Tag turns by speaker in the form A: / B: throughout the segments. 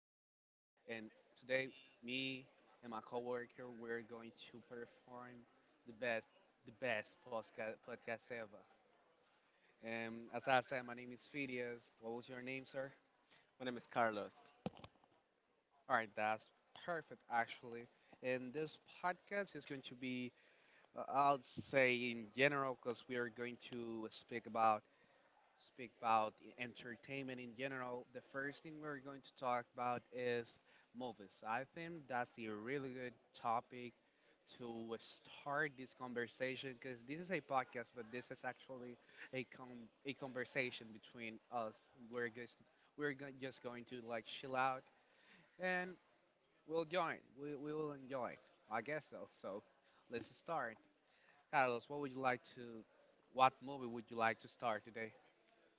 A: and today, me and my coworker we're going to perform the best, the best podcast ever. And as I said, my name is Phidias. What was your name, sir?
B: My name is Carlos.
A: All right, that's perfect, actually. And this podcast is going to, be, I'll say in general, because we are going to speak about entertainment in general. The first thing we're going to talk about is movies. I think that's a really good topic to start this conversation, because this is a podcast, but this is actually a conversation between us. We're just just going to like chill out and we'll join. We will enjoy. I guess so. So let's start. Carlos, what would you like to? What movie would you like to start today?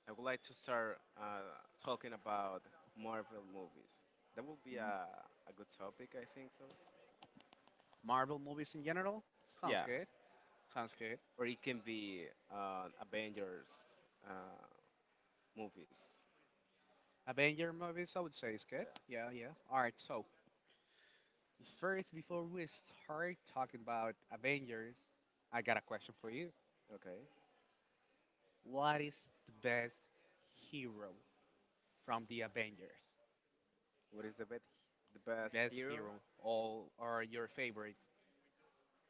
B: I would like to start talking about Marvel movies. That would be a good topic, I think so.
A: Marvel movies in general? Sounds
B: Yeah, okay.
A: good. Sounds good.
B: Or it can be Avengers uh, movies.
A: Avenger movies, I would say, is good.
B: Yeah.
A: Yeah, yeah. All right, so first, before we start talking about Avengers, I got a question for you.
B: Okay.
A: What is the best hero from the Avengers?
B: What is the best
A: Best
B: hero?
A: hero, all or your favorite?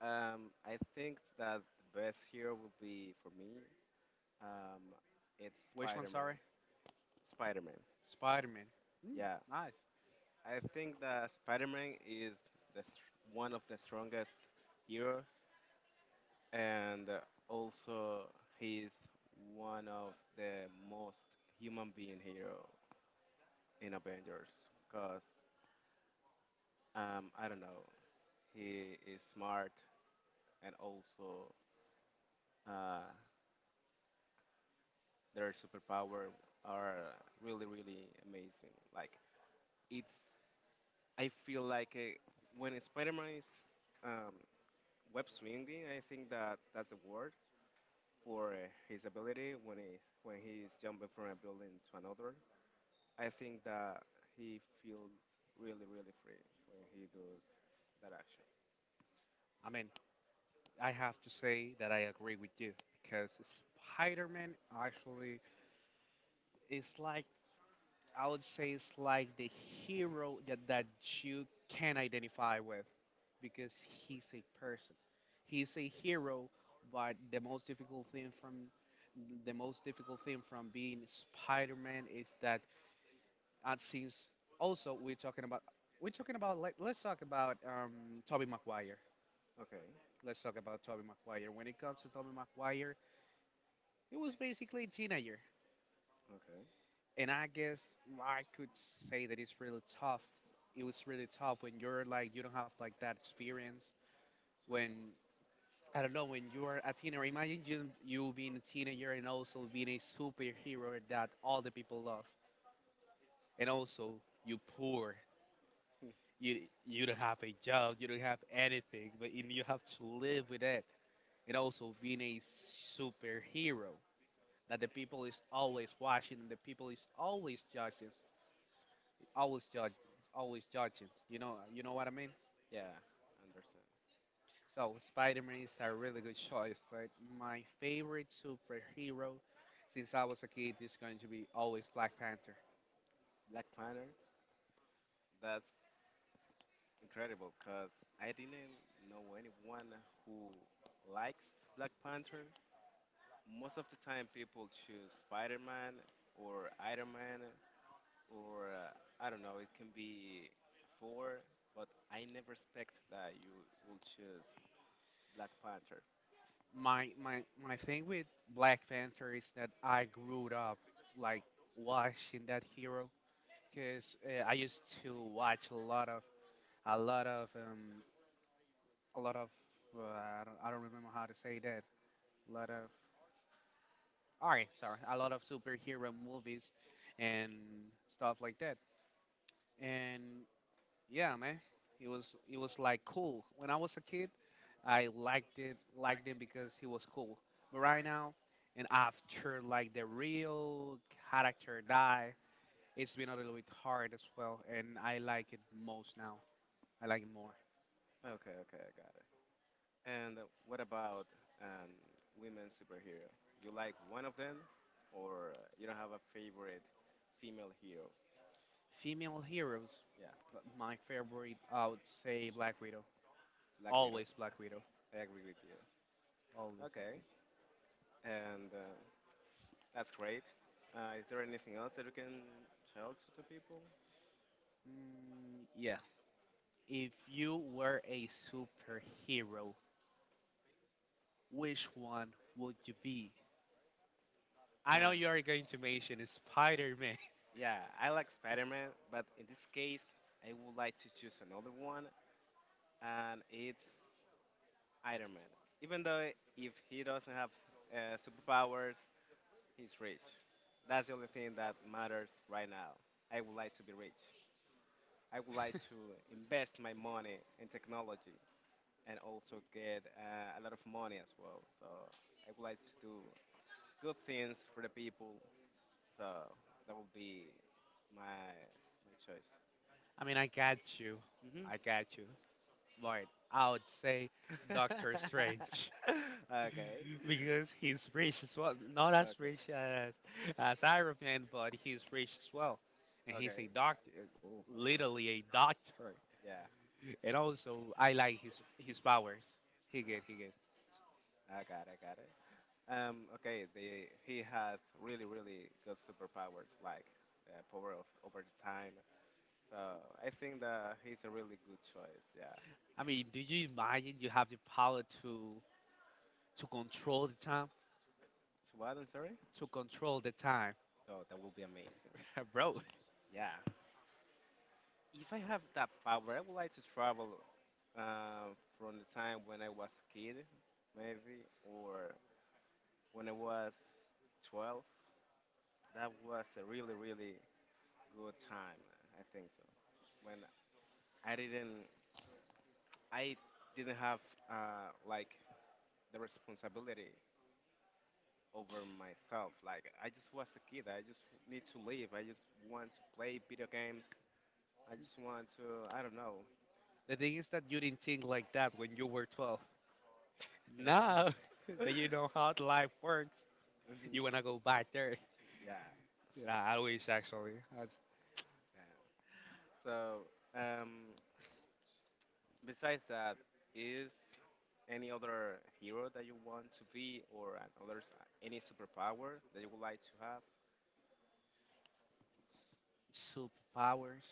B: I think that the best hero would be for me. Um, it's
A: Which one, sorry?
B: Spider-Man. Spider-Man.
A: Spider Man. Mm,
B: Yeah.
A: nice.
B: I think that Spider-Man is the, s- one of the strongest hero, and also he is one of the most human being hero in Avengers. Cause I don't know, he is smart, and also uh, their superpower are really really amazing. Like it's, I feel like when Spider-Man is um, web swinging, I think that that's the word for his ability when he's jumping from a building to another. I think that he feels really really free when he does that action.
A: I mean, I have to say that I agree with you, because Spider Man actually is like, I would say it's like the hero that, that you can identify with, because he's a person. He's a hero, but the most difficult thing from being Spider-Man is that since also we're talking about let's talk about Tobey Maguire.
B: Okay,
A: Let's talk about Tobey Maguire. When it comes to Tobey Maguire, he was basically a teenager.
B: okay.
A: And I guess I could say that it's really tough. It was really tough when you're like, you don't have like that experience. When, I don't know, when you are a teenager. Imagine you, you being a teenager and also being a superhero that all the people love. And also you poor.
B: Hmm.
A: You you don't have a job. You don't have anything. But you have to live with it. And also being a superhero that the people is always watching and the people is always judging, always judge always judging, you know, what I mean?
B: Yeah, I understand.
A: So Spider-Man is a really good choice, but my favorite superhero since I was a kid is going to be always Black Panther.
B: Black Panther, that's incredible because I didn't know anyone who likes Black Panther. Most of the time, people choose Spider Man or Iron Man or I don't know, it can be four, but I never expect that you will choose Black Panther.
A: My my thing with Black Panther is that I grew up like watching that hero, because I used to watch a lot of a lot of um a lot of I don't remember how to say that. A lot of All right, sorry, a lot of superhero movies and stuff like that. And yeah, man, it was like cool. When I was a kid, I liked him because he was cool. But right now, and after like the real character die, it's been a little bit hard as well. And I like it most now. I like it more.
B: Okay, okay, I got it. And what about um, women superhero? You like one of them, or you don't have a favorite female hero?
A: Female heroes,
B: Yeah,
A: but my favorite, I would say Black Widow.
B: Black Widow.
A: Always Black Widow.
B: I agree with you. Okay, and that's great. Is there anything else that you can tell to the people?
A: Mm, yeah. If you were a superhero, which one would you be?
B: I
A: I know
B: don't know.
A: you are going to mention Spider Man.
B: Yeah, I like Spider Man, but in this case, I would like to choose another one, and it's Iron Man. Even though if he doesn't have superpowers, he's rich. That's the only thing that matters right now. I would like to be rich. I would like to invest my money in technology and also get a lot of money as well. So I would like to do good things for the people. So that would be my choice.
A: I mean, I got you.
B: Hmm.
A: I got you. But I would say Doctor Strange.
B: Okay.
A: Because he's rich as well. Not as
B: Okay.
A: rich as Iron Man, but he's rich as well. And
B: Okay.
A: he's
B: Okay.
A: a doctor, literally a doctor.
B: Yeah.
A: And also, I like his powers. He
B: Uh-huh.
A: good.
B: I got it. I got it. Okay. The he has really really good superpowers like the power of over the time. So I think that he's a really good choice. Yeah.
A: I mean, do you imagine you have the power to control the time,
B: So what? I'm sorry.
A: to control the time
B: Oh, that will be amazing.
A: bro?
B: Yeah. If I have that power, I would like to travel uh, from the time when I was a kid, maybe, or when I was 12. That was a really, really good time. I think so. When I didn't, I didn't have like the responsibility over myself. Like I just was a kid. I just need to live. I just want to play video games. I just want to. I don't know.
A: The thing is that you didn't think like that when you were 12 now. That you know how life works, you
B: Mhm.
A: want to go back there.
B: Yeah.
A: Yeah, I wish actually. That's
B: Yeah. So, um, besides that, is any other hero that you want to be, or any superpower that you would like to have?
A: superpowers.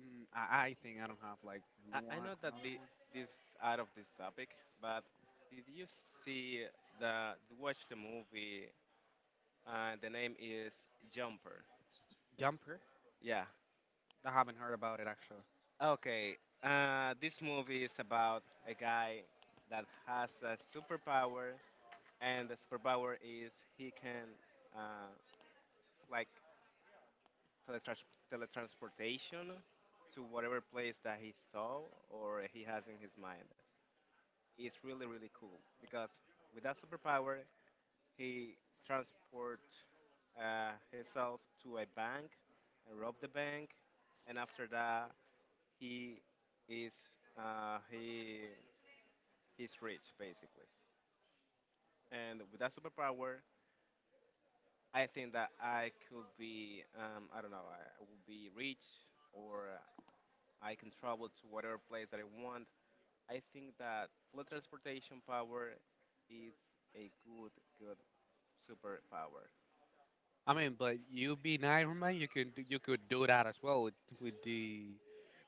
A: I think I don't have like
B: I
A: one
B: know that
A: another one.
B: this out of this topic, but did you see did you watch the movie? The name is Jumper.
A: Jumper,
B: Yeah.
A: I haven't heard about it actually.
B: Okay. This movie is about a guy that has a superpower, and the superpower is he can. Uh, It's like teletrans- teletransportation to whatever place that he saw or he has in his mind. It's really, really cool because with that superpower, he transport himself to a bank and rob the bank, and after that, he is he he's rich basically. And with that superpower, I think that I could be I don't know, I would be rich or I can travel to whatever place that I want. I think that flood transportation power is a good superpower,
A: I mean, but you being Iron Man, you can do, you could do that as well with the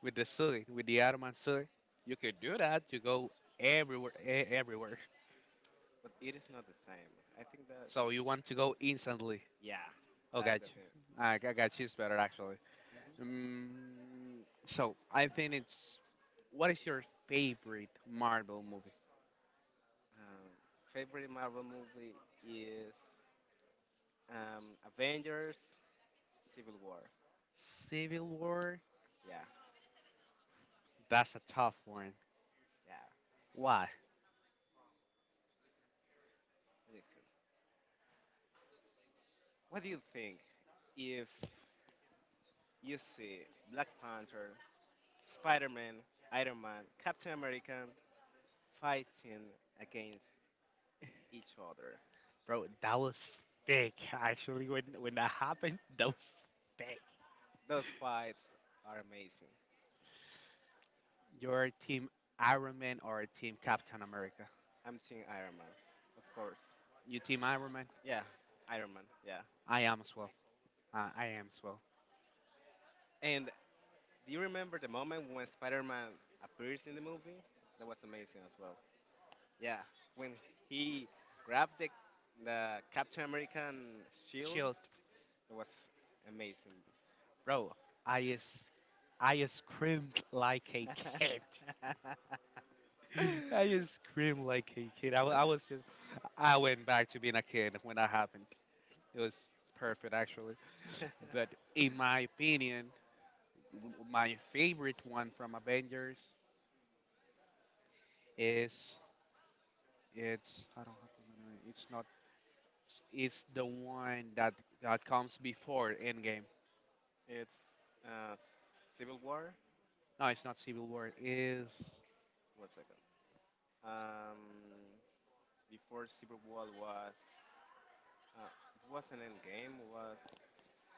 A: with the Iron Man suit. You could do that to go everywhere, everywhere.
B: but it is not the same. I think that
A: So
B: is,
A: you want to go instantly?
B: yeah,
A: Oh,
B: that's
A: got
B: the
A: you.
B: thing.
A: I got you. It's better actually.
B: hmm
A: Mm, so I think it's. What is your favorite Marvel movie?
B: Um, Favorite Marvel movie is um, Avengers: Civil War.
A: Civil War.
B: Yeah,
A: That's a tough one.
B: yeah.
A: Why,
B: Listen, what do you think if you see Black Panther, Spider-Man, Iron Man, Captain America fighting against each other.
A: bro? That was thick. Actually, when that happened, that was thick.
B: Those fights are amazing.
A: You're Team Iron Man or Team Captain America?
B: I'm Team Iron Man, of course.
A: You Team Iron Man?
B: Yeah, Iron Man. Yeah.
A: I am as well. I am as well.
B: And do you remember the moment when Spider-Man appears in the movie? That was amazing as well. Yeah, when he grabbed the Captain American shield,
A: Shield,
B: that was amazing.
A: bro. I is, I screamed like a kid. I screamed like a kid. I was just, I went back to being a kid when that happened. It was perfect actually. But in my opinion, my favorite one from Avengers is it's I don't have to remember it. It's not it's the one that that comes before Endgame.
B: It's uh, Civil War.
A: No, it's not Civil War. Is
B: One second. Um, Before Civil War was it wasn't Endgame, it was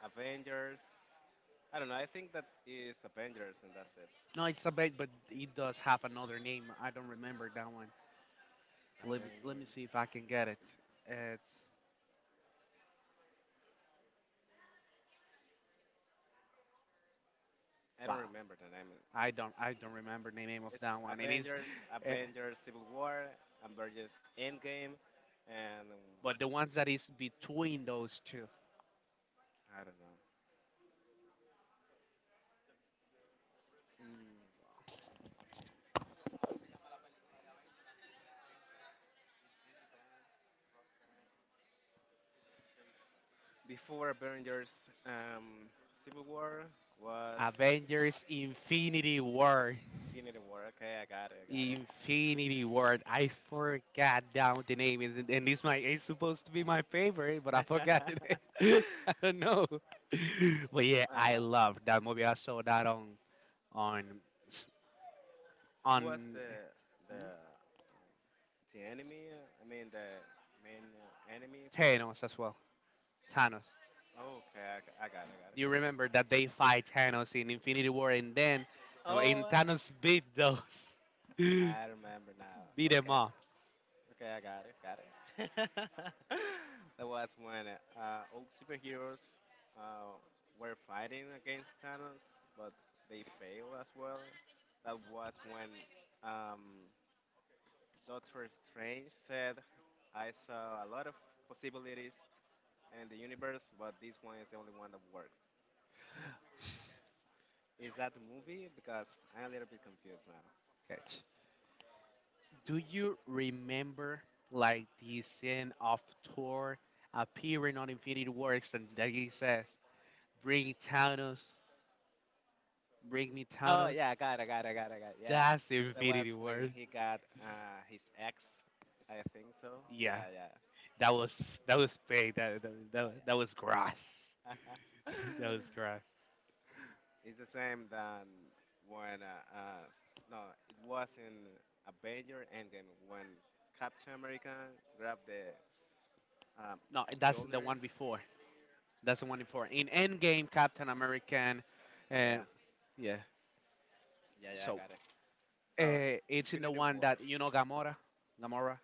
B: Avengers. I don't know. I think that is Avengers, and that's it.
A: no, it's a bait, but it does have another name. I don't remember that one. Let me
B: Avengers.
A: see if I can get it. It's
B: I don't
A: wow.
B: remember the name.
A: I don't remember the name of
B: It's
A: that one. It is,
B: Avengers,
A: eh,
B: Avengers Civil War, Avengers Endgame, and I
A: but the ones that is between those two,
B: don't know. Mm, Before Avengers um, Civil War was
A: Avengers Infinity War.
B: Infinity War. Okay, I got it, I got it.
A: Infinity Ward. I forgot down the name, is it- and it's my it's supposed to be my favorite, but I forgot the name. I don't know. But yeah, I
B: uh,
A: love that movie. I saw that on on s-
B: who was
A: on
B: the
A: hmm,
B: the enemy? I mean the main enemy for the.
A: Thanos as well. Thanos.
B: Oh, okay, I got it, I got
A: Do you remember
B: it.
A: that they fight Thanos in Infinity War, and then
B: Oh,
A: and Thanos beat those beat
B: I remember now.
A: them
B: Okay,
A: up.
B: okay, I got it, got it. That was when all superheroes uh, were fighting against Thanos, but they failed as well. That was when um, Doctor Strange said, I saw a lot of possibilities in the universe, but this one is the only one that works. Is that the movie? Because I'm a little bit confused now.
A: Catch. Do you remember like the scene of Thor appearing on Infinity Works and that he says, "Bring Thanos, bring me
B: Oh,
A: Thanos"?
B: yeah, I got it, I got it, I got it, I got it. Yeah.
A: That's the
B: That was
A: Infinity
B: when
A: War.
B: he got his ex, I think so.
A: Yeah,
B: Yeah, yeah,
A: that was that was big. That was gross.
B: yeah, yeah.
A: That was gross.
B: It's the same than when no, it was in Avenger Endgame when Captain America grabbed the Um,
A: No, that's the
B: Yulner.
A: one before. That's the one before. In Endgame, Captain American, and
B: Yeah,
A: yeah.
B: yeah, yeah, I
A: So
B: got it. So,
A: it's in the
B: Infinity
A: one
B: War.
A: that you know Gamora. Gamora.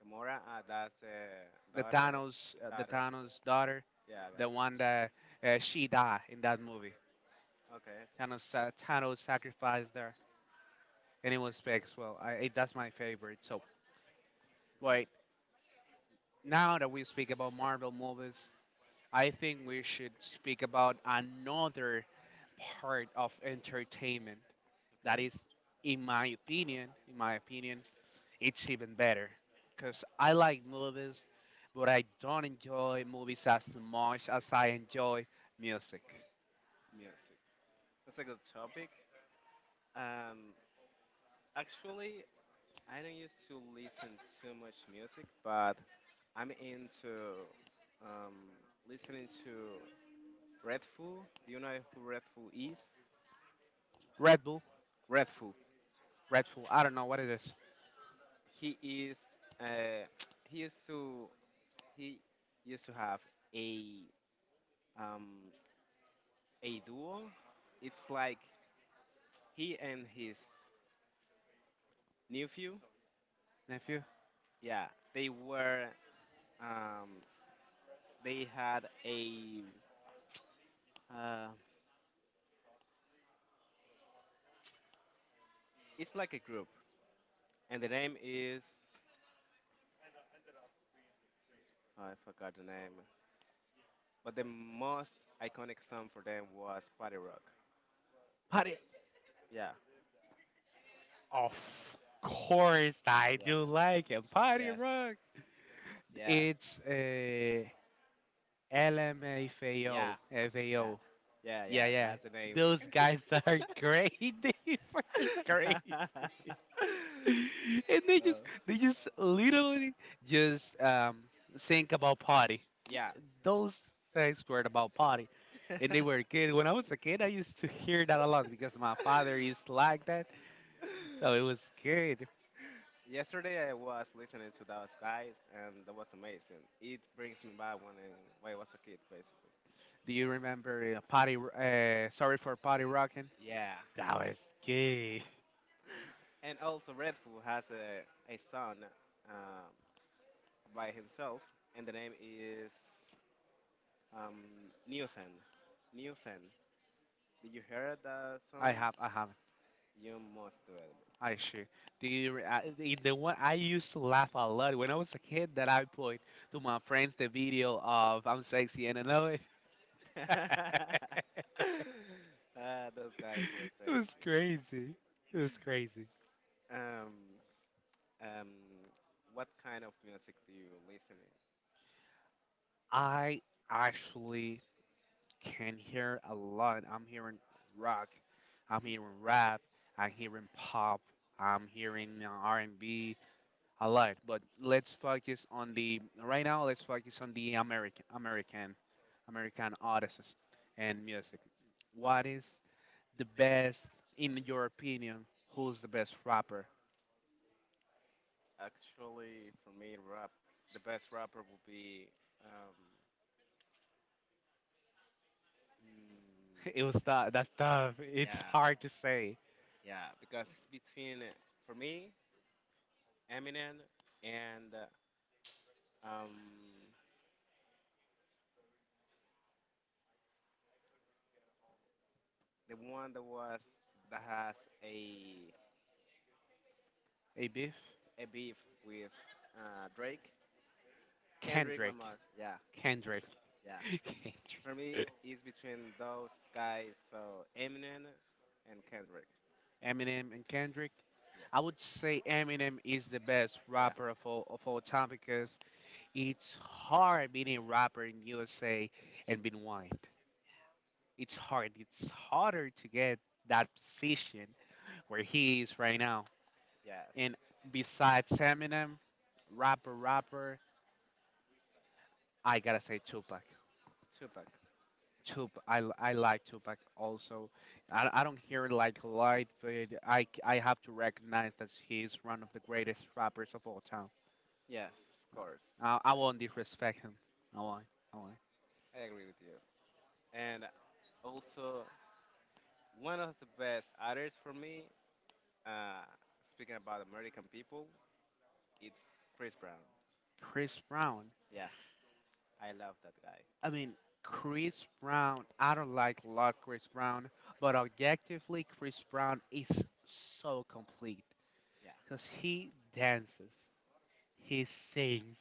B: Gamora, that's the
A: The
B: daughter.
A: Thanos, the
B: Daughter.
A: Thanos daughter,
B: Yeah, I got it.
A: the one that she died in that movie.
B: Okay,
A: Thanos sacrificed her, and it was big as well. That's my favorite. So,
B: okay,
A: wait, now that we speak about Marvel movies, I think we should speak about another part of entertainment that
B: okay.
A: is, in my opinion, it's even better. Cause I like movies, but I don't enjoy movies as much as I enjoy music.
B: Music. That's a good topic. Um, Actually, I don't used to listen too much music, but I'm into um, listening to Redfoo. Do you know who Redfoo is?
A: Red Bull,
B: Redfoo.
A: Red Bull. I don't know what it is,
B: He is. Uh, he used to he used to have a um, a duo. It's like he and his nephew.
A: nephew.
B: Yeah, they were um, they had a uh, it's like a group, and the name is oh, I forgot the name, but the most iconic song for them was Party Rock.
A: Party.
B: Yeah,
A: Of course, I
B: yeah,
A: do like it. Party
B: yes, yeah,
A: rock.
B: yeah,
A: It's
B: yeah,
A: LMFAO, FAO.
B: yeah,
A: Yeah,
B: yeah.
A: yeah.
B: That's the name.
A: Those guys are great. They are crazy.
B: uh,
A: And they just literally just think about party.
B: yeah.
A: Those things were about party. And they were kids. When I was a kid, I used to hear that a lot because my father is like that. So it was good.
B: Yesterday I was listening to those guys and that was amazing. It brings me back when I was a kid, basically.
A: Do you remember Potty? Sorry, for Potty Rocking.
B: Yeah.
A: That was good.
B: And also Redfoo has a son um, by himself, and the name is um, Newton. Newton. Did you hear that song?
A: I have
B: You must do it.
A: I sure. Do you? The one I used to laugh a lot when I was a kid. That I put to my friends the video of I'm sexy and I know it.
B: uh, those guys were
A: It was
B: crazy.
A: crazy. It was crazy.
B: Um, um, what kind of music do you listen to?
A: I actually can hear a lot. I'm hearing rock, I'm hearing rap, I'm hearing pop, I'm hearing R&B a lot. But let's focus on the right now. Let's focus on the American American American artists and music. What is the best in your opinion? Who's the best rapper?
B: Actually, for me, rap. The best rapper will be, um, mm,
A: It was tough. That's tough. It's
B: yeah,
A: hard to say.
B: yeah, because it's between for me Eminem and um, the one that was that has a
A: A beef?
B: a beef with Drake. Kendrick
A: Kendrick.
B: Lamar. Yeah,
A: Kendrick.
B: yeah.
A: Kendrick.
B: For me, it's between those guys, so Eminem and Kendrick.
A: Eminem and Kendrick. I would say Eminem is the best
B: Yeah,
A: rapper of all time because it's hard being a rapper in USA and being white. It's hard. It's harder to get that position where he is right now.
B: yeah, yes.
A: And besides Eminem, rapper, I gotta say Tupac.
B: Tupac.
A: Tupac, I like Tupac also. I don't hear it like light, but I have to recognize that he is one of the greatest rappers of all time.
B: Yes, of
A: Uh,
B: course.
A: I won't disrespect him. I won't. I won't.
B: I agree with you. And also, one of the best artists for me, uh, speaking about American people, it's Chris Brown.
A: Chris Brown.
B: Yeah, I love that guy.
A: I mean, Chris Brown. I don't like a lot Chris Brown, but objectively, Chris Brown is so complete
B: Yeah,
A: because he dances, he sings,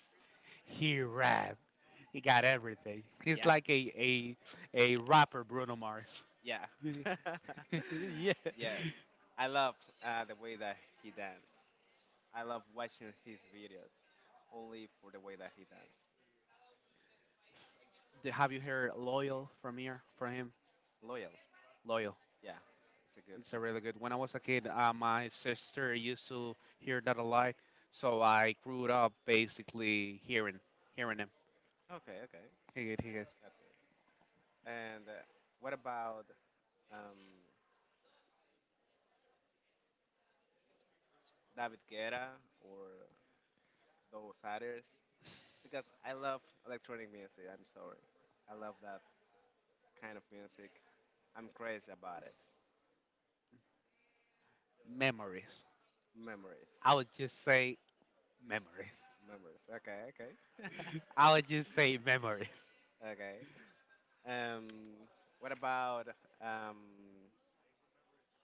A: he rap. He got everything. He's
B: yeah,
A: like a rapper Bruno Mars.
B: yeah.
A: Yeah.
B: Yes, I love the way that he dances. I love watching his videos only for the way that he dances.
A: Have you heard "Loyal" from here? From him?
B: Loyal.
A: Loyal.
B: Yeah, it's a good
A: It's a
B: song.
A: really good. When I was a kid, my sister used to hear that a lot, so I grew up basically hearing him.
B: Okay, okay.
A: He it, he it.
B: That's good. And what about um, David Guetta or those others? Because I love electronic music. I'm sorry. I love that kind of music. I'm crazy about it.
A: Memories.
B: Memories.
A: I would just say memories.
B: Memories. Okay, okay.
A: I would just say memories.
B: Okay. Um, what about um,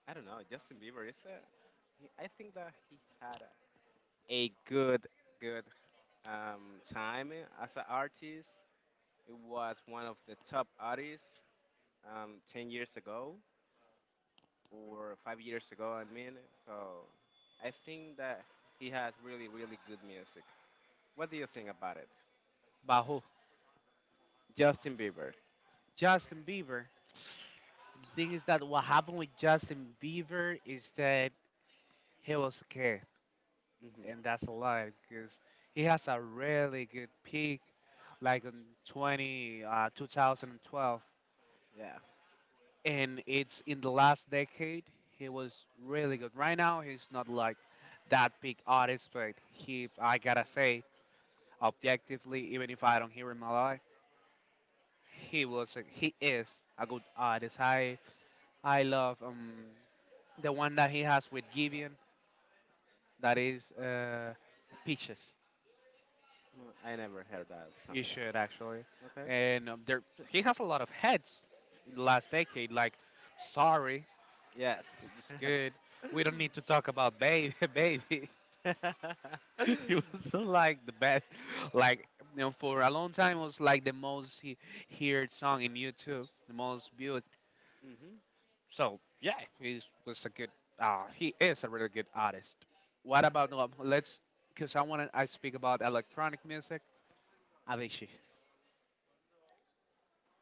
B: I don't know. Justin Bieber is a. I think that he had a good, good time as an artist. It was one of the top artists 10 years ago or 5 years ago. I mean, so I think that he has really, really good music. What do you think about it,
A: But who?
B: Justin Bieber?
A: Justin Bieber. The thing is that what happened with Justin Bieber is that he was a kid,
B: Hmm.
A: and that's a lie because he has a really good peak, like in 20 2012,
B: Yeah.
A: and it's in the last decade he was really good. Right now he's not like that big artist, but he I gotta say objectively, even if I don't hear him a lot, he is a good artist. I love the one that he has with Givian, that is Peaches.
B: I never heard that song.
A: You should actually,
B: Okay.
A: and there he has a lot of heads in the last decade. Like sorry,
B: Yes.
A: it's good. We don't need to talk about baby, baby.
B: Hmm.
A: He was so like the best, like for a long time it was like the most he heard song in YouTube, the most viewed. So yeah, he was a good. He is a really good artist. What about let's? Because I want to. I speak about electronic music. Avicii,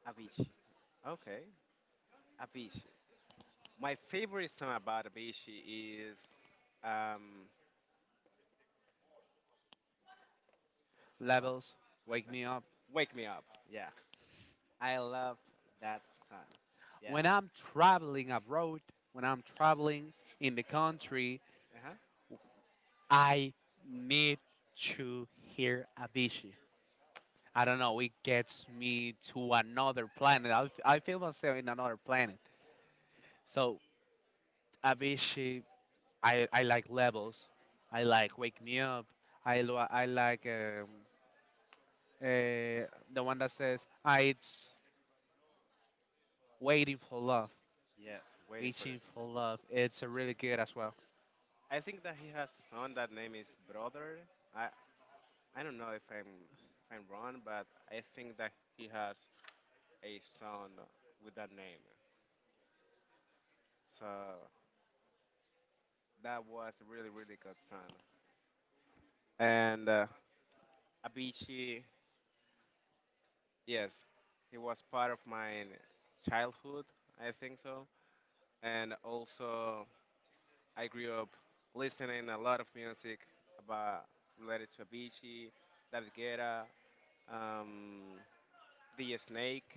B: Avicii. Okay, Avicii. My favorite song about Avicii is um, wha-
A: Levels, Wake Me Up.
B: "Wake Me Up." Yeah, I love that song. Yeah.
A: When I'm traveling abroad, when I'm traveling in the country,
B: Uh huh.
A: I need to hear Avicii. I don't know. It gets me to another planet. I feel myself in another planet. So Avicii, I like Levels. I like Wake Me Up. I like uh, the one that says I it's Waiting for Love,
B: Yes, waiting for it.
A: reaching for love. It's a really good as well.
B: I think that he has a son that name is Brother. I I don't know if I'm wrong, but I think that he has a son with that name. So that was a really, really good song. And Avicii, yes, he was part of my childhood, I think so. And also, I grew up listening a lot of music about related to Avicii, David Guetta, um, DJ Snake.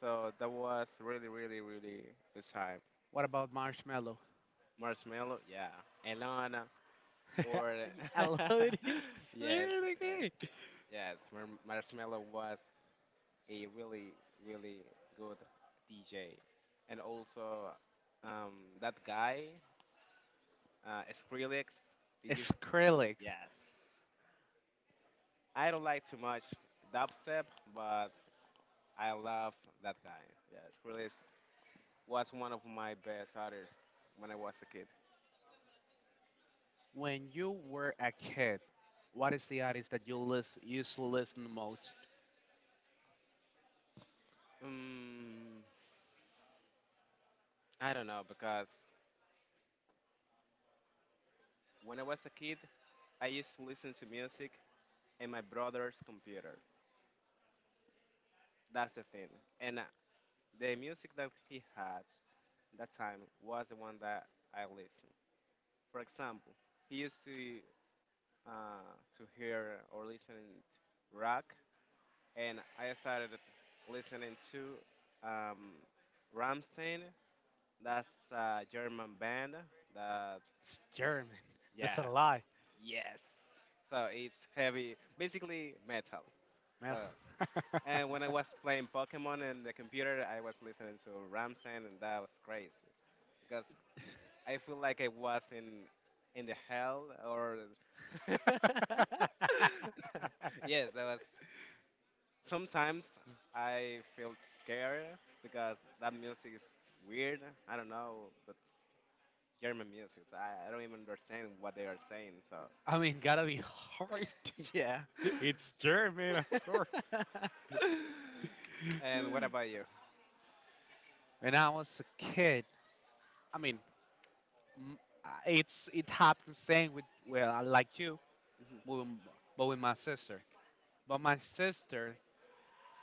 B: So that was really, really, really good time.
A: What about Marshmallow?
B: Marshmallow, yeah. Elana, or
A: I love it. It's
B: yes,
A: really
B: eh,
A: good.
B: yes, Marshmallow was a really really good DJ, and also that guy Skrillex. Did you?
A: Skrillex.
B: Yes. I don't like too much dubstep, but I love that guy. Yeah, Skrillex was one of my best artists when I was a kid.
A: When you were a kid, what is the artist that you listen used to listen the most?
B: Um, I don't know because when I was a kid, I used to listen to music in my brother's computer. That's the thing. And the music that he had that time was the one that I listened. For example, he used uh, to hear or listen to rock, and I started listening to um, Ramstein. That's a German band. That
A: It's German. That's a
B: Yeah,
A: lie,
B: yes. So it's heavy, basically metal.
A: man.
B: So and when I was playing Pokemon in the computer, I was listening to Ramstein, and that was crazy because I feel like I was in the hell or yes, that was sometimes I felt scared because that music is weird. I don't know, but it's German music. So I don't even understand what they are saying. So
A: I mean, gotta be hard.
B: yeah.
A: It's German, of course.
B: And what about you?
A: When I was a kid, I mean, m- it's it happened same with well, I like you, but
B: Mhm.
A: but with my sister. But my sister,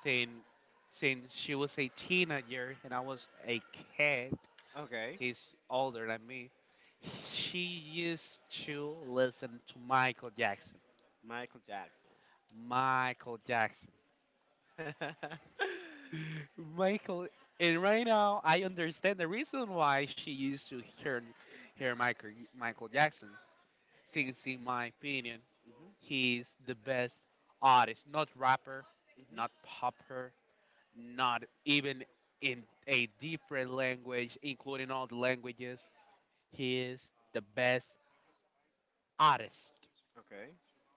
A: since since she was a teenager and I was a kid,
B: Okay.
A: is older than me. She used to listen to Michael Jackson.
B: Michael Jackson.
A: Michael Jackson. Michael, and right now I understand the reason why she used to hear Michael Jackson, since in my opinion
B: Mhm.
A: he's the best artist, not rapper,
B: Hmm.
A: not popper, not even in a different language, including all the languages. He is the best artist
B: Okay,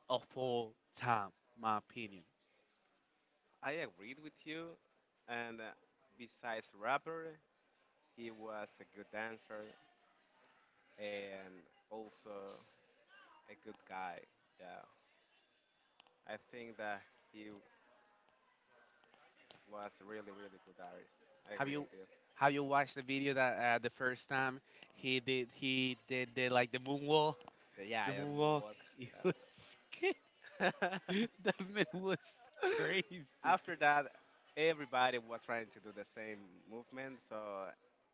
A: of all time, my opinion.
B: I agreed with you. And besides rapper, he was a good dancer and also a good guy. Yeah, I think that he was a really, really good artist. I
A: Have
B: agree
A: you
B: with you.
A: have you watched the video that the first time he did the like the moonwalk,
B: Yeah,
A: the
B: yeah,
A: moonwalk.
B: moonwalk.
A: It was that man was
B: uh,
A: crazy.
B: After that, everybody was trying to do the same movement, so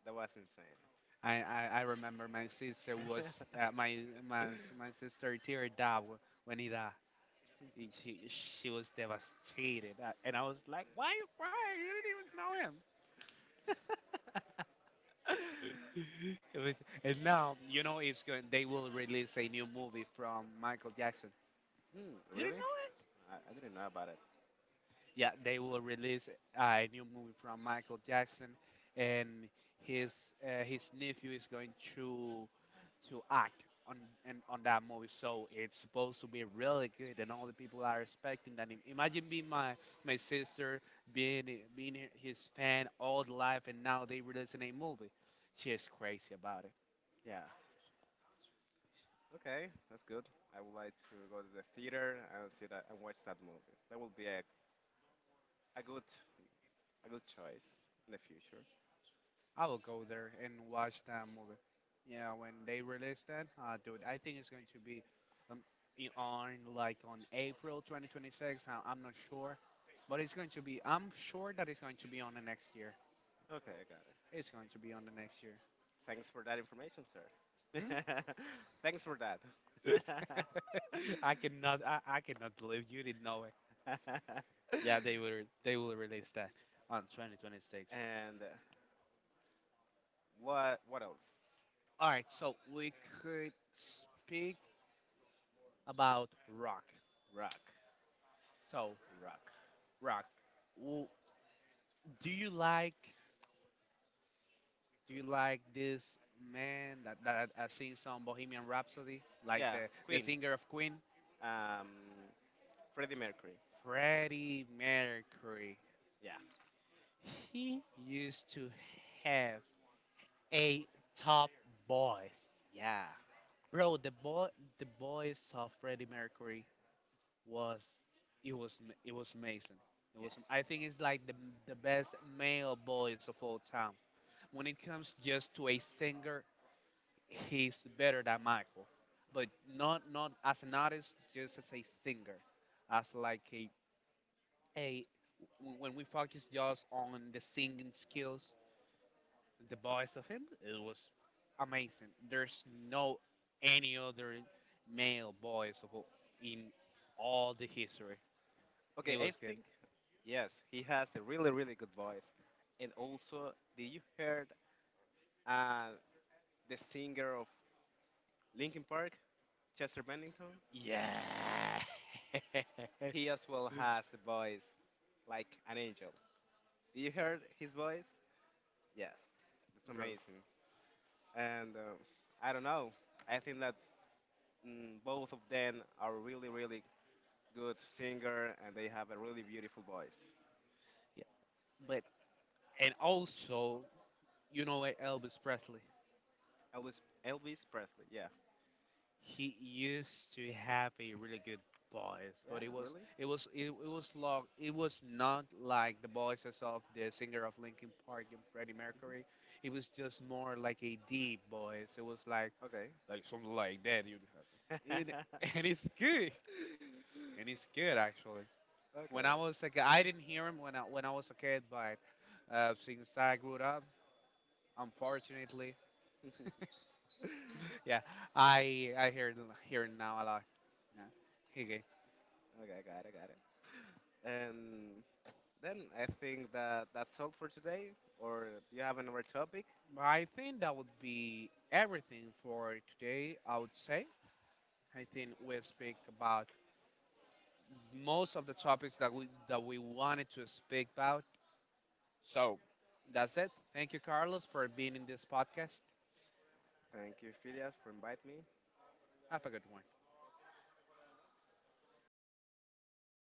B: that was insane.
A: I remember my sister was uh, my my my sister teared up when he died. And she was devastated. And I was like, "Why? Why? You didn't even know him."
B: Hmm,
A: It was, and now you know it's going. They will release a new movie from Michael Jackson. You didn't
B: really?
A: know.
B: I didn't know about it.
A: Yeah, they will release a new movie from Michael Jackson, and his his nephew is going to act on on that movie. So it's supposed to be really good, and all the people are expecting that. Imagine being my sister, being being his fan all the life, and now they releasing a movie. She is crazy about it.
B: Yeah. Okay, that's good. I would like to go to the theater and see that and watch that movie. That will be a good a good choice in the future.
A: I will go there and watch that movie. Yeah, when they release that, dude, I think it's going to be um, on like on April 2026. I- I'm not sure, but it's going to be. I'm sure that it's going to be on the next year.
B: Okay, I got it.
A: It's going to be on the next year.
B: Thanks for that information, sir. Thanks for that.
A: Hmm? I cannot believe you didn't know it. They will release that on 2026.
B: And what else?
A: All right, so we could speak about rock.
B: Rock,
A: So
B: rock.
A: rock. wh- Do you like this man that, that I seen some Bohemian Rhapsody, like
B: Yeah.
A: the singer of Queen,
B: Um, Freddie Mercury.
A: Freddie Mercury?
B: Yeah.
A: He used to have a top voice,
B: Yeah.
A: bro. The voice of Freddie Mercury was it was amazing. It
B: Yes.
A: was I think it's like the best male voice of all time. When it comes just to a singer, he's better than Michael, but not not as an artist, just as a singer, as like a when we focus just on the singing skills, the voice of him, it was amazing. There's no any other male voice of in all the history.
B: Okay,
A: He
B: I
A: was good.
B: think yes, he has a really really good voice. And also, did you heard uh, the singer of Linkin Park, Chester Bennington?
A: Yeah,
B: He as well has a voice like an angel. Did you heard his voice? Yes, it's
A: bro.
B: amazing. And I don't know. I think that both of them are really, really good singer, and they have a really beautiful voice.
A: Yeah, but and also you know like Elvis Presley.
B: Elvis, Elvis Presley, yeah,
A: He used to have a really good voice,
B: yeah,
A: but
B: really,
A: it was long. It was not like the voices of the singer of Linkin Park and Freddie Mercury. It was just more like a deep voice. It was
B: okay,
A: like something like that.
B: okay.
A: It, and it's good and it's good actually.
B: Okay,
A: When I was a kid, I didn't hear him when I was a kid, but since I grew up, unfortunately, yeah, I I hear it- hear it now a lot. Yeah.
B: I got it, got it. And then I think that that's all for today. Or do you have another topic?
A: I think that would be everything for today, I would say. I think we speak about most of the topics that we wanted to speak about. So that's it. Thank you, Carlos, for being in this podcast.
B: Thank you, Phileas, for inviting me.
A: Have a good one.